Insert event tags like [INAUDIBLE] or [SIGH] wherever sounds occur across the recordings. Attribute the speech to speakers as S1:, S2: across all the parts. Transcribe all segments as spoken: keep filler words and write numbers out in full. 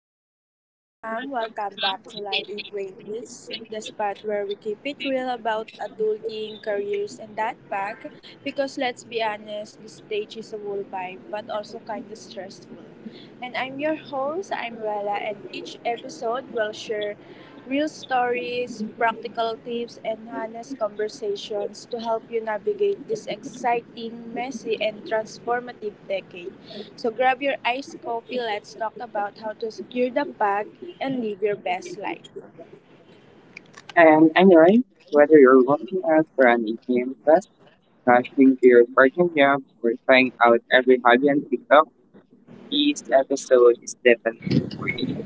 S1: Yo, what's up, fam? Welcome back to Life in twenties, the spot where we keep it real about adulting, careers, and that back. Because let's be honest, the stage is a whole vibe, but also kinda stressful. And I'm your host, I'm Rella, and each episode will share real stories, practical tips, and honest conversations to help you navigate this exciting, messy, and transformative decade. So grab your iced coffee. Let's talk about how to secure the bag and live your best life.
S2: And anyway, whether you're working out for an E C M class, rushing to your part-time job, or trying out every hobby on TikTok, this episode is definitely for you.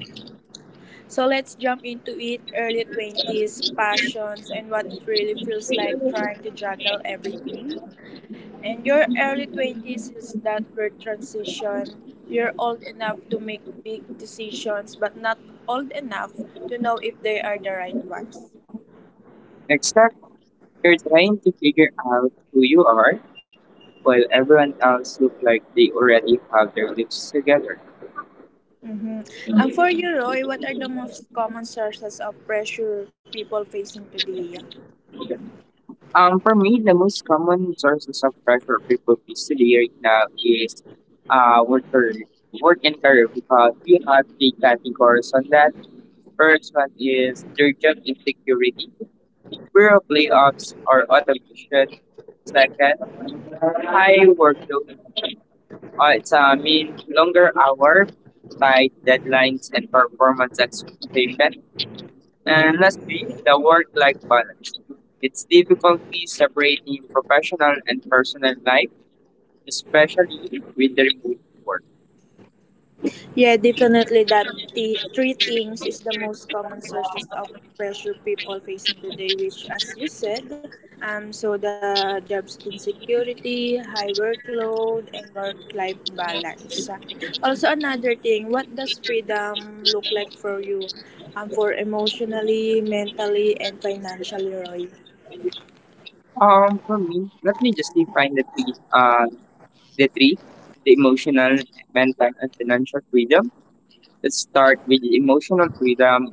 S1: So let's jump into it, early twenties, passions, and what it really feels like trying to juggle everything. And your early twenties is that weird transition. You're old enough to make big decisions, but not old enough to know if they are the right ones.
S2: Next up, you're trying to figure out who you are while everyone else look like they already have their lives together.
S1: Mm-hmm. And for you, Roy, what are the most common sources of pressure people facing today?
S2: Um, for me, the most common sources of pressure people face today right now is uh, worker, work and career because we have the categories on that. First one is their job insecurity, fear of layoffs or automation. Second, high workload. Uh, it's a mean longer hour, tight deadlines and performance expectation. And lastly, the work-life balance. It's difficulty separating professional and personal life, especially with the remote work.
S1: Yeah, definitely that the three things is the most common sources of pressure people facing today, which as you said, um so the jobs insecurity, high workload and work life balance. Also another thing, what does freedom look like for you? Um for emotionally, mentally and financially, Roy?
S2: Um, for me, let me just define the three, uh, the three, the emotional, mental, and financial freedom. Let's start with emotional freedom.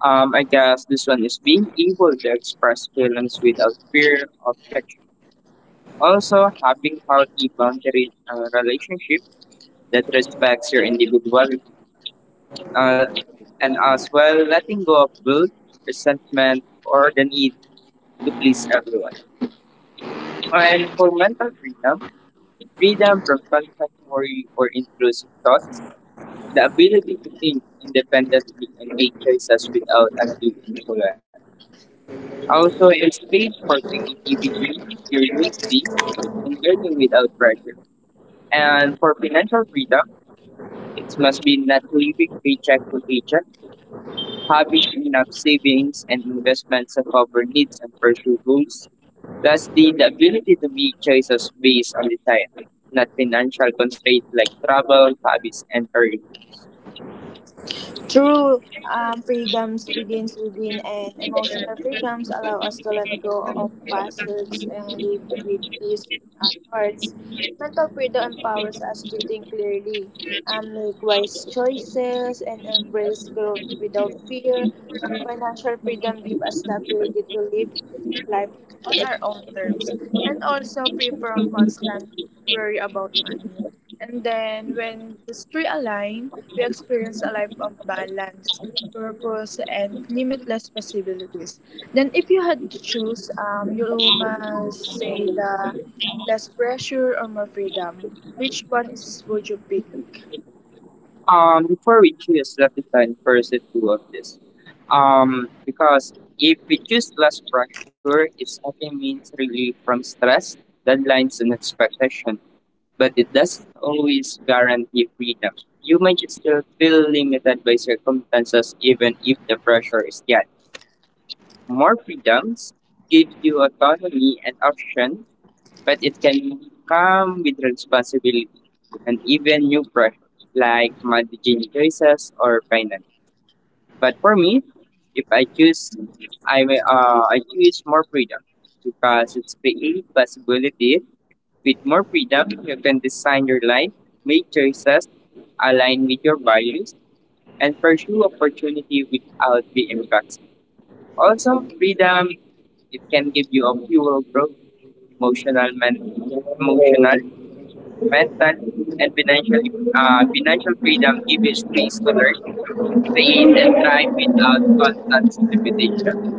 S2: Um, I guess this one is being able to express feelings without fear of judgment. Also, having healthy boundaries and relationship that respects your individuality. Uh, and as well, letting go of guilt, resentment, or the need to please everyone. And for mental freedom, freedom from contradictory or intrusive thoughts, the ability to think independently and make choices without undue influence. Also, it's space for creativity, curiosity, and learning without pressure. And for financial freedom, it must be not living paycheck to paycheck, having enough savings and investments to cover needs and pursue goals. Lastly, the ability to make choices based on desire, not financial constraints like travel, hobbies, and career goals.
S1: True. Um, freedoms begins within, and emotional freedoms allow us to let go of past hurts and live with peace in our hearts. Mental freedom empowers us to think clearly, um, make wise choices, and embrace growth without fear. Um, financial freedom gives us the ability to live life on our own terms and also free from constant worry about money. And then when these three align, we experience a life of balance, purpose, and limitless possibilities. Then, if you had to choose, um, you must say the less pressure or more freedom. Which one is would you pick?
S2: Um, before we choose, let us find first the two of this. Um, because if we choose less pressure, it often means relief from stress, deadlines, and expectation. But it doesn't always guarantee freedom. You might still feel limited by circumstances, even if the pressure is yet. More freedoms give you autonomy and option, but it can come with responsibility and even new pressure like managing choices or finance. But for me, if I choose, I may uh, I choose more freedom because it's create possibility. With more freedom, you can design your life, make choices align with your values, and pursue opportunity without being rushed. Also, freedom it can give you a fuel growth, emotional, men- emotional, mental, and financial uh, financial freedom gives you space to learn, create, and thrive without constant limitation.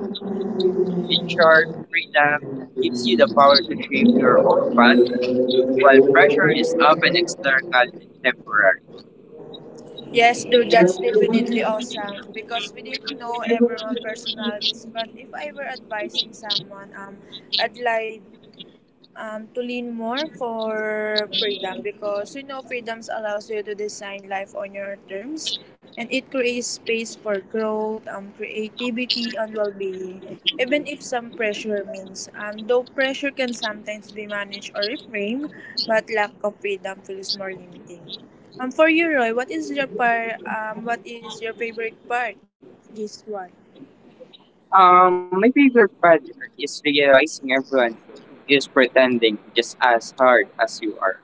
S2: Venture freedom gives you the power to shape your own path, while pressure is often external and temporary.
S1: Yes, dude, that's definitely awesome because we didn't know everyone's personalities. But if I were advising someone, um, I'd like um, to lean more for freedom because you know freedoms allows you to design life on your terms and it creates space for growth, um, creativity and well-being even if some pressure means, um, though pressure can sometimes be managed or reframed but lack of freedom feels more limiting. Um, for you, Roy, what is your par- um, what is your favorite part for this one?
S2: Um, my favorite part is realizing everyone is pretending just as hard as you are.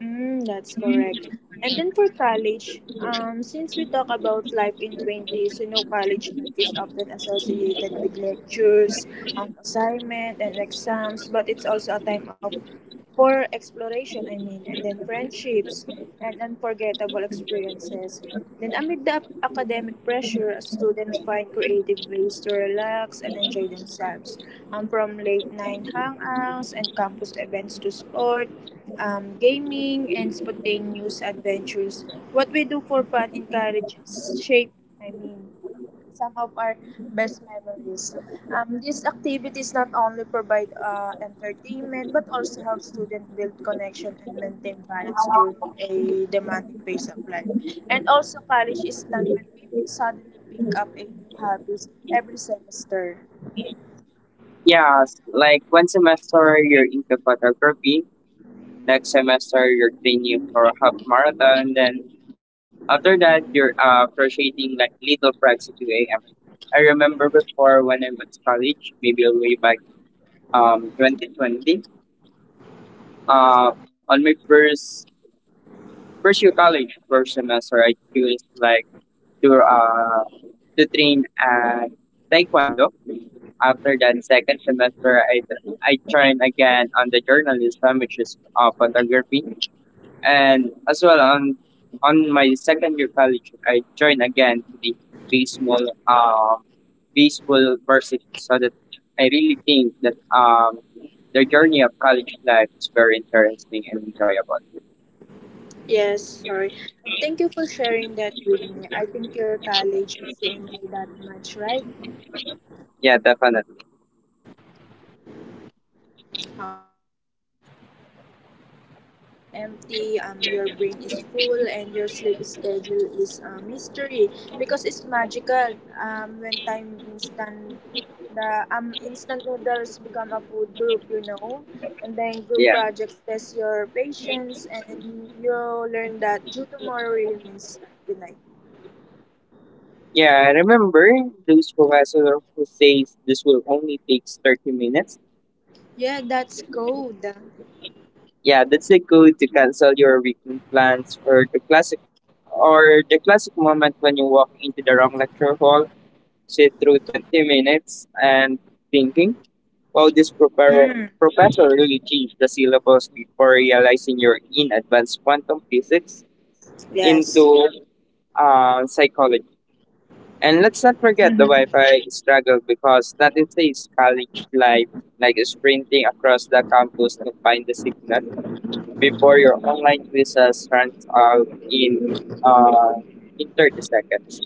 S1: Mm, that's correct. And then for college, um, since we talk about life in twenties, you know, college life is often associated with lectures, um, assignment, and exams, but it's also a time of for exploration, I mean, and then friendships and unforgettable experiences. Then amid the academic pressure, students find creative ways to relax and enjoy themselves. Um, from late night hangouts and campus events to sport, um, gaming, and spontaneous adventures. What we do for fun in college shape, I mean, some of our best memories. Um, these activities not only provide uh, entertainment but also help students build connection and maintain balance during a demanding phase of life. And also, college is time when people suddenly pick up a new hobbies every semester.
S2: Yeah, like one semester you're into photography, next semester you're training for a half marathon, then after that you're uh, crocheting like little frags at two a m. I remember before when I was college, maybe way back um, twenty twenty. Uh, on my first first year college, first semester, I chose like to uh, to train at Taekwondo. After that second semester, I I trained again on the journalism, which is uh, photography. And as well on on my second year college, I joined again to the baseball um baseball varsity. So that I really think that um the journey of college life is very interesting and enjoyable.
S1: Yes, sorry. And thank you for sharing that with me. I think your college is you enjoy that much, right?
S2: Yeah, definitely.
S1: Okay. And then you know college life is whether your wallet is empty, um your brain is full and your sleep schedule is a mystery because it's magical. Um when time instant the um instant noodles become a food group, you know. And then group
S2: Yeah.
S1: projects test your patience and you learn that due tomorrow really means start tonight.
S2: Yeah, I remember those professor who says this will only take thirty minutes.
S1: Yeah, that's cold.
S2: Yeah, that's the code to cancel your weekend plans, or the classic, or the classic moment when you walk into the wrong lecture hall, sit through twenty minutes and thinking, wow, this proper-
S1: Mm.
S2: professor really changed the syllabus before realizing you're in advanced quantum physics
S1: Yes.
S2: into uh, psychology. And let's not forget the
S1: Mm-hmm.
S2: Wi-Fi struggle, because nothing says college life like sprinting across the campus to find the signal before your online quizzes runs out in uh, in thirty seconds.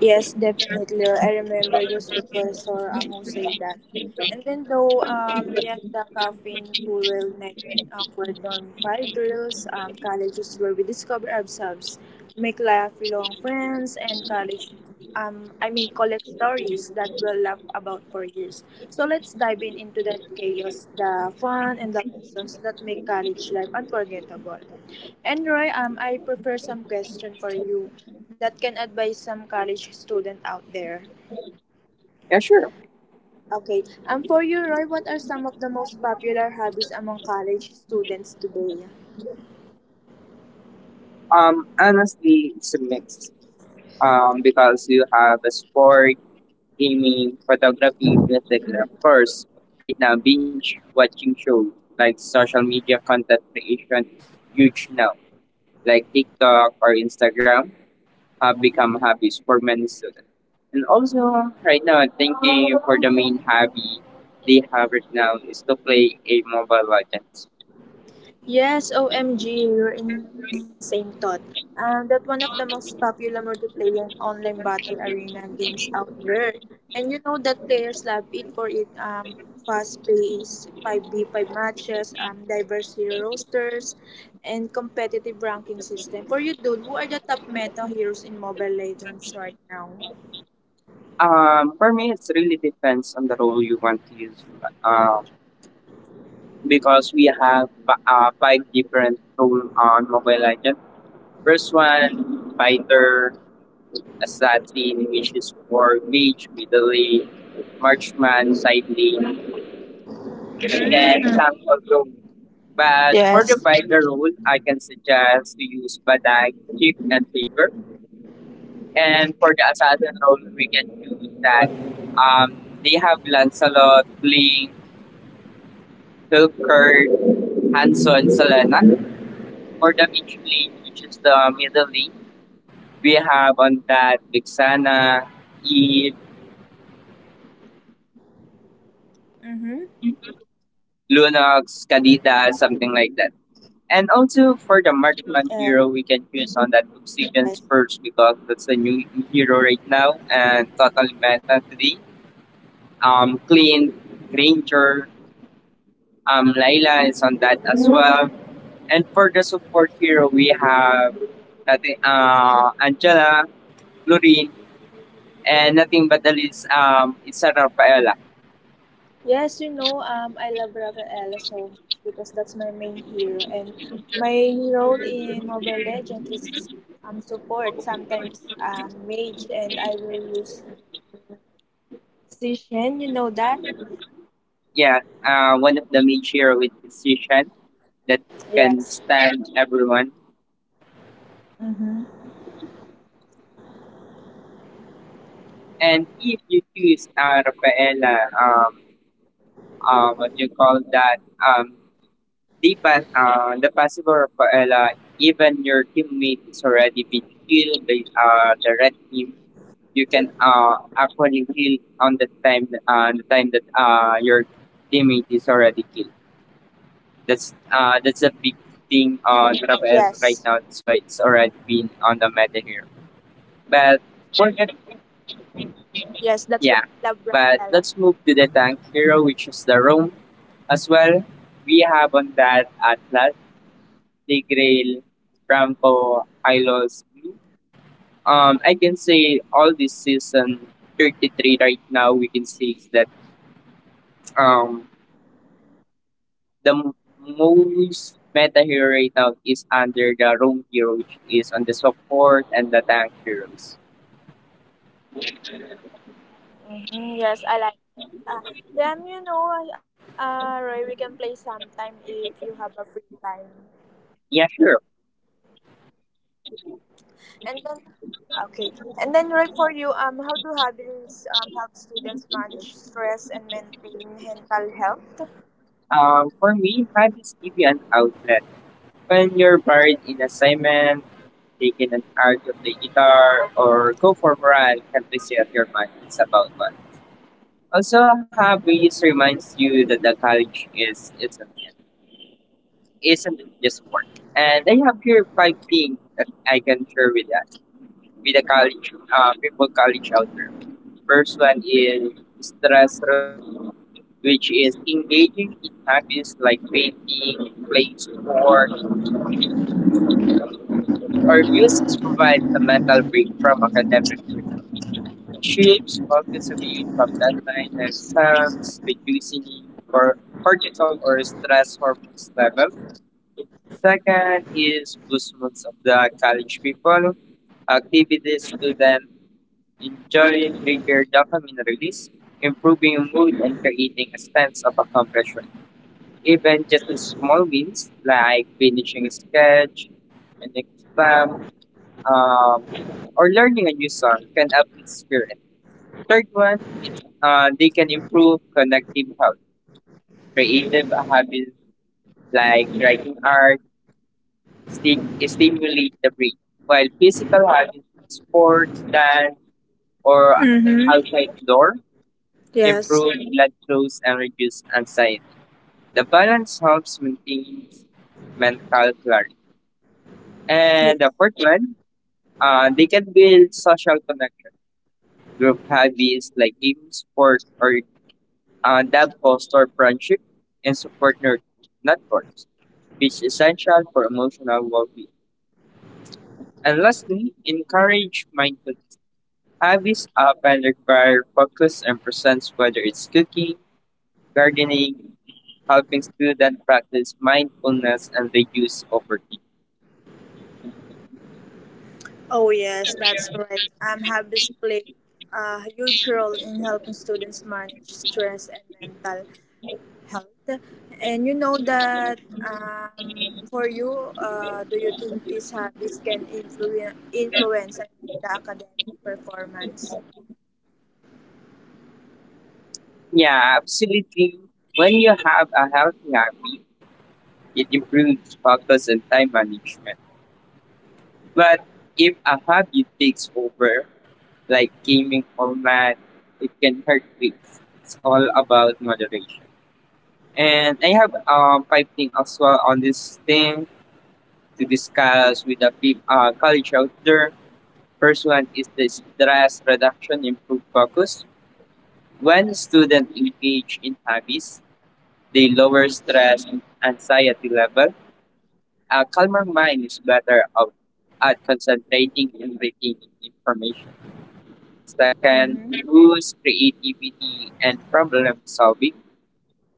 S1: Yes, definitely. I remember this professor um, say that. And then though, um, beyond the caffeine fuel night and awkward dorm fire drills, um, college is where we discover ourselves, make lifelong friends, and college um, I mean college stories that we'll laugh about for years. So let's dive in into that chaos, the fun, and the lessons that make college life unforgettable. And Roy, um, I prefer some question for you that can advise some college student out there.
S2: Yeah, sure.
S1: Okay, um, for you, Roy, what are some of the most popular hobbies among college students today?
S2: Um, honestly, it's a mix. Um, because you have a sport, gaming, photography, music, and of course, right now, binge watching shows like social media content creation, huge now, like TikTok or Instagram, have become hobbies for many students. And also, right now, thinking for the main hobby they have right now is to play a mobile legends.
S1: Yes, O M G, you're insane thought. Uh, that one of the most popular multiplayer online battle arena games out there. And you know that players love it for it, um fast paced five v five matches, um diverse hero rosters, and competitive ranking system. For you dude, who are the top meta heroes in Mobile Legends right now?
S2: Um, for me, it's really depends on the role you want to use. Um, because we have fi- uh, five different role on Mobile Legends. First one, fighter, assassin, which is for mage, middle lane, marksman, side lane, and
S1: Mm.
S2: sample role. But for the
S1: Yes.
S2: fighter role, I can suggest to use Badag, Chip, and Faker. And for the assassin role, we can use that. Um, they have Lancelot, Blink, Silkirk, Hanson, Selena. For the mid lane, which is the middle lane, we have on that Vixana, Eve,
S1: Mm-hmm.
S2: Lunox, Kadita, something like that. And
S1: Yes.
S2: also for the marksman hero, we can choose on that Obsidian Spurs because that's the new hero right now and totally meta today. Um, Clean, Granger, um, Layla is on that as well. And for the support hero, we have I think, uh, Angela, Lorene, and nothing but the least um it's a Rafaela.
S1: Yes, you know, um, I love Rafael so much because that's my main hero, and my role in Mobile Legends is um support, sometimes um mage, and I will use Shen. You know that?
S2: Yeah, uh, one of the major with decision that can
S1: Yes.
S2: stand everyone.
S1: Mm-hmm.
S2: And if you choose uh, Rafaela, um, uh, what you call that, um, the pa- uh, the possible Rafaela, even your teammate is already been killed by uh, the red team. You can uh, actually heal on the time uh, the time that uh, your teammate is already killed.
S1: Yes.
S2: That's uh that's a big thing on Rafael right now. That's why it's already been on the meta here.
S1: Yes,
S2: But
S1: that's why I
S2: forget
S1: love Rafaela.
S2: yeah. But let's move to the tank hero, which is the Rome as well. We have on that Atlas, the Grail, Rampo, Hylos, Blue. Um, I can say all this season thirty-three right now, we can see that um the m- most meta hero right now is under the Rome hero, which is on the support and the tank heroes.
S1: Mm-hmm. Yes, I like. Uh, yeah, um, you know, uh, Roy, we can play sometime if you have a free time.
S2: Yeah, sure.
S1: And then okay. And then right for you, um, how do hobbies, um, help students manage stress and maintain mental health?
S2: Um, for me, hobbies give you an outlet. When you're buried in assignment, taking an art of the guitar, or go for a ride, can reset your mind. It's about one. Also, hobbies reminds you that the college is isn't isn't just work. And I have here five things that I can share with that, with a college, uh, people college shelter. First one is stress relief, which is engaging in hobbies like painting, playing sport, or music provides a mental break from academic work. It shifts focus away from deadline and exams, reducing cor- cortisol or stress hormones level. Second is movements of the college people. Activities to them enjoying trigger dopamine release, improving mood and creating a sense of accomplishment. Even just in small wins like finishing a sketch, an exam, um, or learning a new song can up the spirit. Third one, uh, they can improve connective health. Creative habits like writing art sti- stimulate the brain, while physical habits, sport, dance, or
S1: Mm-hmm.
S2: outside door
S1: Yes.
S2: improve blood flows, and reduce anxiety. The balance helps maintain mental clarity. And the
S1: Yes.
S2: fourth one, uh, they can build social connection. Group hobbies like games, sports, or uh, that foster friendship and support net- networks, which is essential for emotional well-being. And lastly, encourage mindful. Hobbies often require focus and presence, whether it's cooking, gardening, helping students practice mindfulness and reduce poverty.
S1: Oh yes, that's right. Um, hobbies play a huge role in helping students manage stress and mental health. And you know that, um, for you, uh, do you think these hobbies can influence influence I mean, the academic performance?
S2: Yeah, absolutely. When you have a healthy habit, it improves focus and time management. But if a habit takes over, like gaming or math, it can hurt kids. It's all about moderation. And I have um five things as well on this thing to discuss with the peop- uh, college out there. First one is the stress reduction, improve focus. When students engage in hobbies, they lower stress, and anxiety level. A calmer mind is better out at concentrating and retaining information.
S1: Mm-hmm.
S2: Second, boost creativity and problem solving.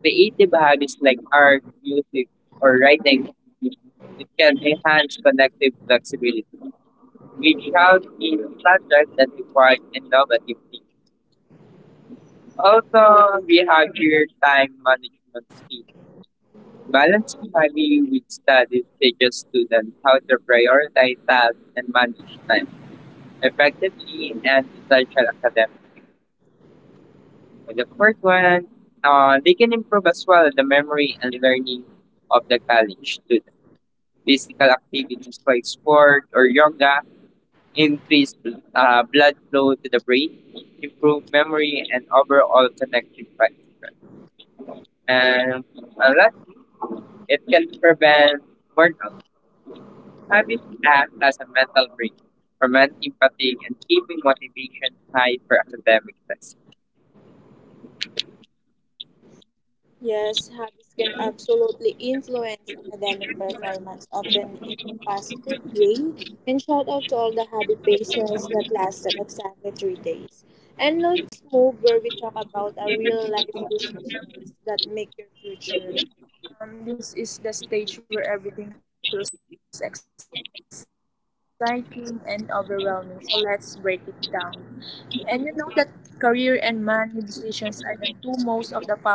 S2: Creative hobbies like art, music, or writing it can enhance connective flexibility, which helps in subjects that require innovative thinking.
S1: All right.
S2: Also, we have here time management skills. Balancing hobby with studies teaches students how to prioritize tasks and manage time effectively in an essential academic. And the fourth one, uh, they can improve as well the memory and learning of the college student. Physical activities like sport or yoga increase uh, blood flow to the brain, improve memory, and overall connective function. And uh, last, it can prevent burnout. Habits act as a mental break, prevent empathy, and keeping motivation high for academic tests.
S1: Yes, habits can absolutely influence academic performance, often in a positive way. And shout out to all the habit bases that lasted exactly three days. And let's move where we talk about our real life decisions that make your future. Um, this is the stage where everything feels exciting and overwhelming. So let's break it down. And you know that career and money decisions are the two most of the powerful choices we make in life.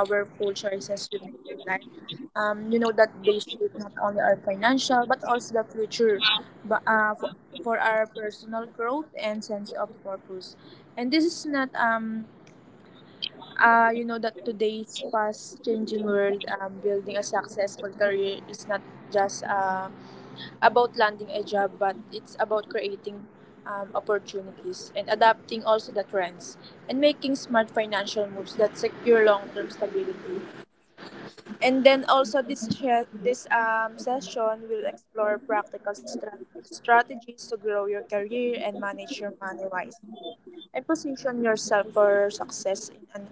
S1: Um, you know that they shape not only our financial but also the future but, uh, for, for our personal growth and sense of purpose. And this is not um uh, you know that today's fast changing world, um, building a successful career is not just uh, about landing a job, but it's about creating, um, opportunities and adapting also the trends and making smart financial moves that secure long-term stability. And then also this she- this um, session will explore practical strat- strategies to grow your career and manage your money wisely and position yourself for success in an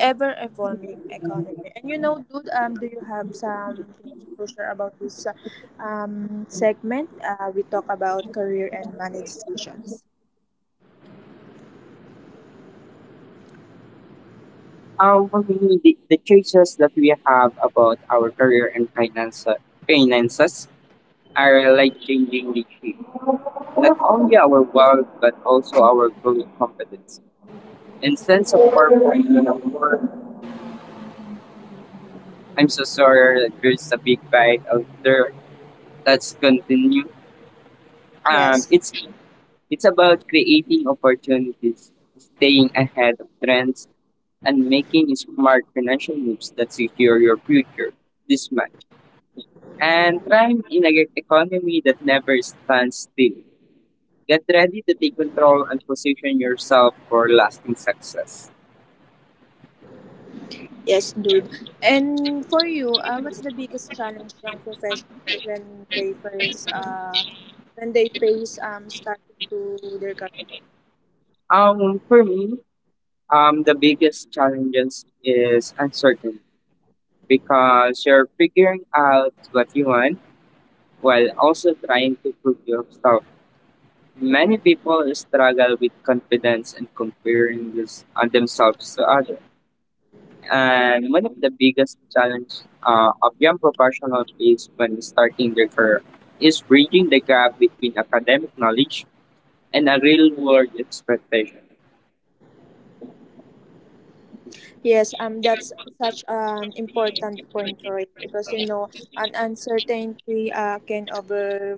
S1: ever evolving economy. And you know, dude, um, do you have something to share about this, uh, um segment? Uh, we talk about career and money decisions.
S2: Um, for me, the, the choices that we have about our career and finance, finances are like changing the shape. Not only our world, but also our growing competence. And sense of purpose, you know, for- I'm so sorry, that there's a big bite out there. That's continue. Um, it's
S1: Yes,
S2: It's about creating opportunities, staying ahead of trends, and making smart financial moves that secure your future this month. And thrive in an economy that never stands still. Get ready to take control and position yourself for lasting success.
S1: yes, dude. And for you, uh, what's the biggest challenge young professionals when they first uh when they face, um starting to their career?
S2: Um, for me, um, the biggest challenges is uncertainty because you're figuring out what you want while also trying to prove yourself. Many people struggle with confidence and comparing this, uh, themselves to others. And one of the biggest challenges uh, of young professionals is when starting their career is bridging the gap between academic knowledge and a real world expectation.
S1: Yes, um, that's such an important point, Roy, because you know, an uncertainty, uh, can over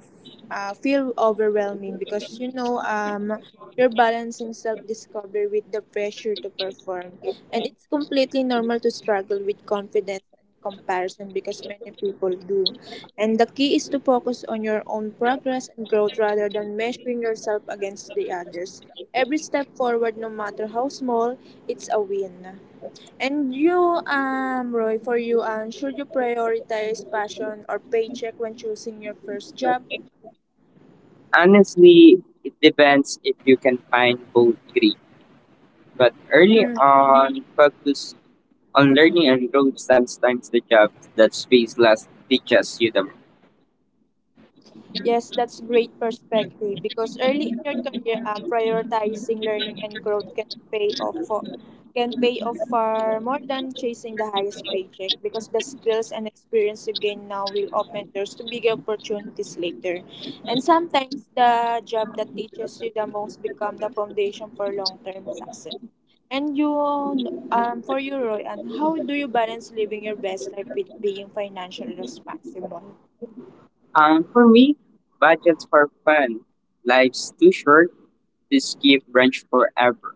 S1: uh, feel overwhelming because you know, um, you're balancing self-discovery with the pressure to perform, and it's completely normal to struggle with confidence and comparison because many people do. And the key is to focus on your own progress and growth rather than measuring yourself against the others. Every step forward, no matter how small, it's a win. And you, um, Roy, for you, um, should you prioritize passion or paycheck when choosing your first job?
S2: Honestly, it depends if you can find both three. But early on, focus on learning and growth sometimes the job that space less teaches you the
S1: Yes, that's great perspective because early in your career, um, prioritizing learning and growth can pay off for can pay off far more than chasing the highest paycheck because the skills and experience you gain now will open doors to bigger opportunities later. And sometimes the job that teaches you the most become the foundation for long-term success. And you, um, for you, Roy, and how do you balance living your best life with being financially responsible?
S2: Um, for me, budgets for fun. Life's too short to skip brunch forever.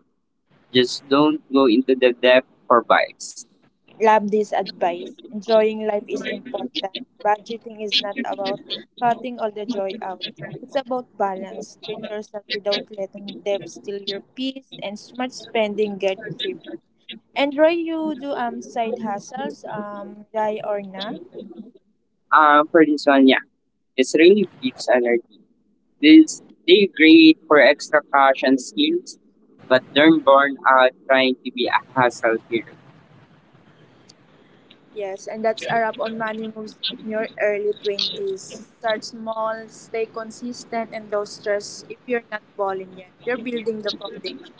S2: Just don't go into the depth for vibes.
S1: Love this advice. Enjoying life is important. Budgeting is not about cutting all the joy out. It's about balance. Treat yourself without letting debt steal your peace and smart spending get free. And Roy, you do, um side hustles, um, die or na?
S2: Um, for this one, yeah, it's really keeps energy. This they great for extra cash and skills, but don't burn out trying to be a hustle here.
S1: Yes, and that's a wrap on money moves in your early twenties. Start small, stay consistent, and don't stress if you're not balling yet. You're building the foundation.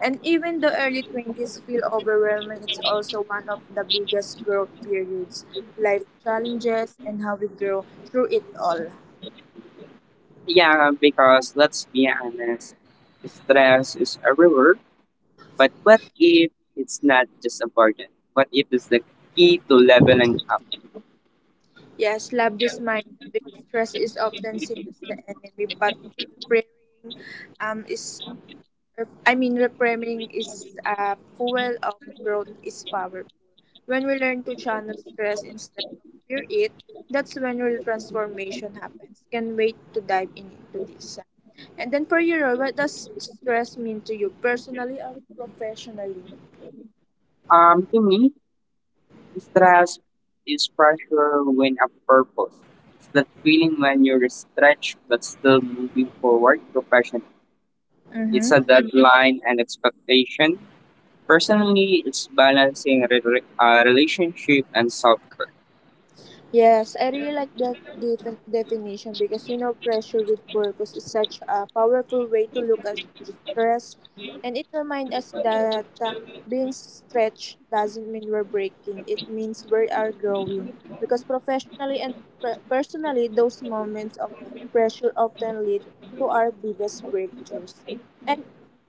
S1: And even the early twenties feel overwhelming, it's also one of the biggest growth periods, life challenges, and how we grow through it all.
S2: Yeah, because let's be honest, stress is a reward. But what if it's not just a burden? What if it's the key to leveling up?
S1: Yes, love this mindset because stress is often seen as the enemy, but preparing um, is Rep- I mean, reframing is a fuel of growth is powerful. When we learn to channel stress instead of fear it, that's when real transformation happens. Can wait to dive in into this. And then for you, Roy, what does stress mean to you personally or professionally?
S2: Um, to me, stress is pressure when a purpose. It's that feeling when you're stretched but still moving forward professionally. It's
S1: Mm-hmm.
S2: a deadline and expectation. Personally, it's balancing re- re- uh, relationship and self care.
S1: Yes, I really like that defi- definition because you know, pressure with purpose is such a powerful way to look at stress, and it reminds us that, uh, being stretched doesn't mean we're breaking, it means we are growing. Because professionally and per- personally, those moments of pressure often lead to our biggest breakthroughs. And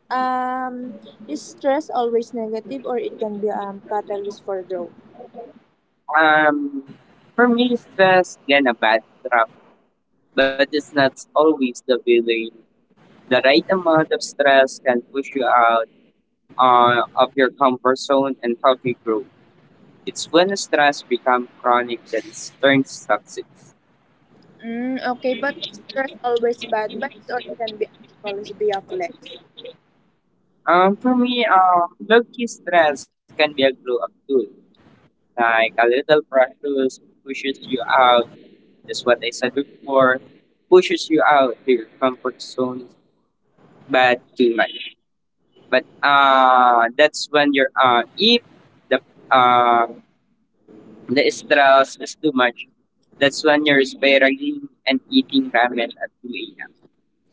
S1: um, is stress always negative, or it can be, um catalyst for growth?
S2: Um, for me, stress can a bad trap, but it's not always the villain. The right amount of stress can push you out uh, of your comfort zone and help you grow. It's when stress becomes chronic that it turns toxic.
S1: Mm, okay, but there's always bad vibes, or it can be actually be a flex.
S2: Um, for me, um, low-key stress can be a glow-up tool. Like a little pressure pushes you out. That's what I said before. Pushes you out to your comfort zone, but too much. But uh, that's when you're uh, if the uh, the stress is too much. That's when you're spiraling and eating ramen at two a m.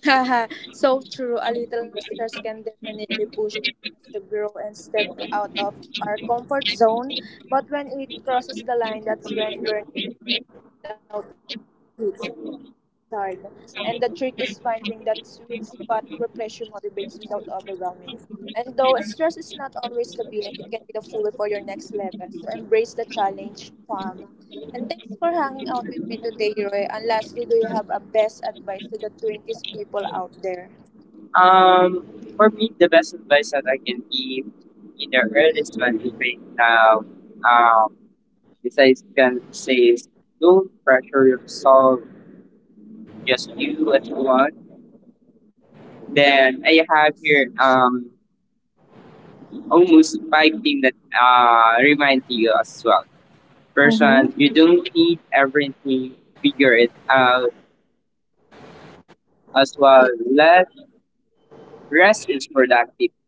S1: [LAUGHS] Haha, so true. A little stress can definitely push us to grow and step out of our comfort zone. But when it crosses the line, that's when burnout hits hard. And the trick is finding that sweet spot where pressure motivates without overwhelming. And though stress is not always the villain, it can be the fuel for your next level. So embrace the challenge, fam. And thanks for hanging out with me today, Roy. And lastly, do you have a best advice to the twenties people out there?
S2: Um, for me, the best advice that I can give in the earliest twenties right now, um, besides can say is don't pressure yourself, just do what you want. Then I have
S1: Yes.
S2: here um almost five things that uh remind you as well. First
S1: Mm-hmm.
S2: one, you don't need everything, figure it out as well.
S1: Yes.
S2: Let rest is productive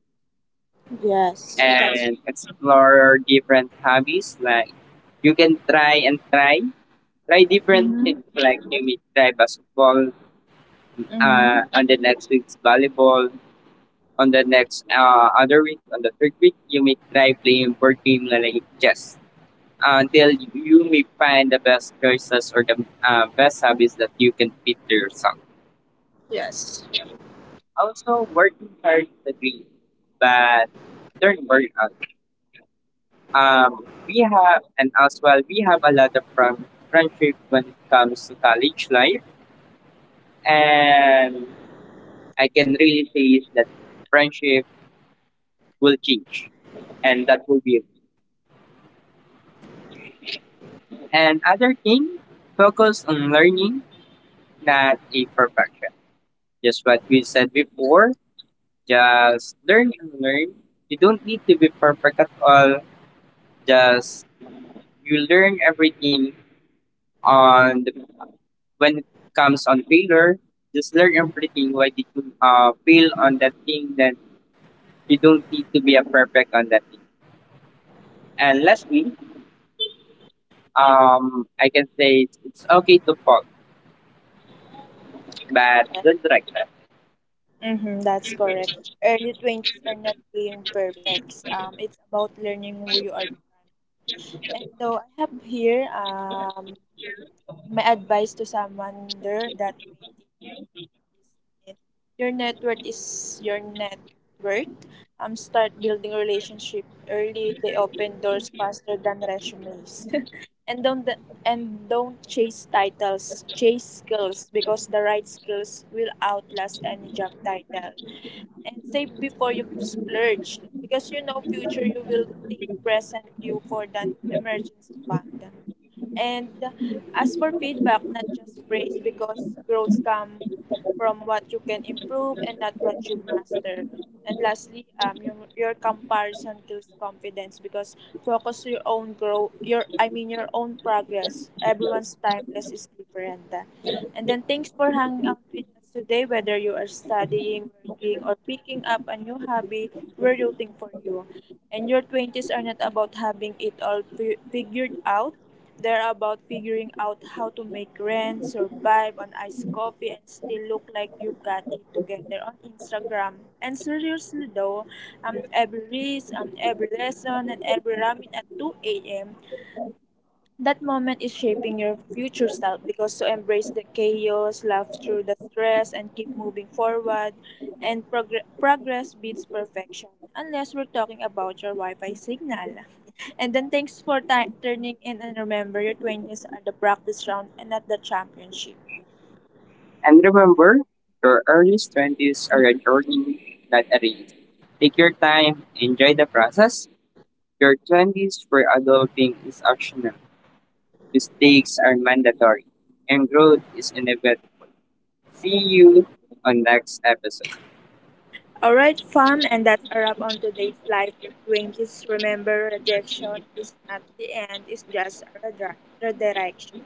S1: Yes. That's.
S2: and explore different hobbies like you can try and try try different
S1: Mm-hmm.
S2: things like you may try basketball uh,
S1: Mm-hmm.
S2: on the next week's volleyball on the next uh, other week on the third week you may try playing board game like chess. Uh, until you may find the best choices or the uh, best hobbies that you can fit to yourself
S1: Yes.
S2: also working hard is the dream but don't worry out, um, we have and as well we have a lot of from friendship when it comes to college life. And I can really say is that friendship will change and that will be it.
S1: Yes, sorry.
S2: And
S1: It's
S2: other thing, focus on learning, not a perfection. Just what we said before, just learn and learn. You don't need to be perfect at all. Just you learn everything on the, when it comes on failure. Just learn everything. Why did you uh, fail on that thing? Then you don't need to be a perfect on that thing. And lastly, Um, I can say it's, it's okay to fall, but
S1: yes.
S2: don't drag.
S1: Mm-hmm. That's correct. Early twenties are not being perfect. Um, it's about learning who you are becoming. And though I have here, um my advice to someone under that twenties, is: your network is your net worth. Um, start building relationship early. They open doors faster than resumes. and don't the, and don't chase titles chase skills because the right skills will outlast any job title and save before you splurge because you know future you will think present you for the emergency fund and as for feedback not just praise because growth come from what you can improve and not what you master. And lastly, um your, your comparison kills confidence because focus your own grow your I mean your own progress, everyone's timeless is different. And then thanks for hanging out with us today, whether you are studying, working, or picking up a new hobby, we're rooting for you. And your twenties are not about having it all fi- figured out. They're about figuring out how to make rent, survive on iced coffee, and still look like you've got it together on Instagram. And seriously though, um, every risk, um, every lesson, and every ramen at two a m. That moment is shaping your future self because to embrace the chaos, laugh through the stress, and keep moving forward, and progr- progress beats perfection. Unless we're talking about your Wi Fi signal. And then thanks for ti- turning in and remember your twenties are the practice round and not the championship. Mhm. All right, fam, and that's a wrap on today's life in twenties. Remember, rejection is not the end, it's just a redri- redirection.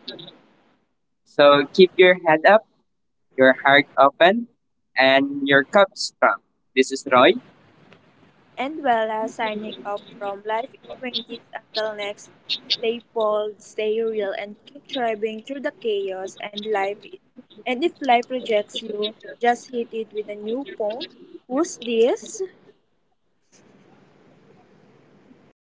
S1: And Vela signing off from Life in twenties until next time. Stay bold, stay real, and keep thriving through the chaos and life. And if life rejects you, just hit it with a new phone. Who's this?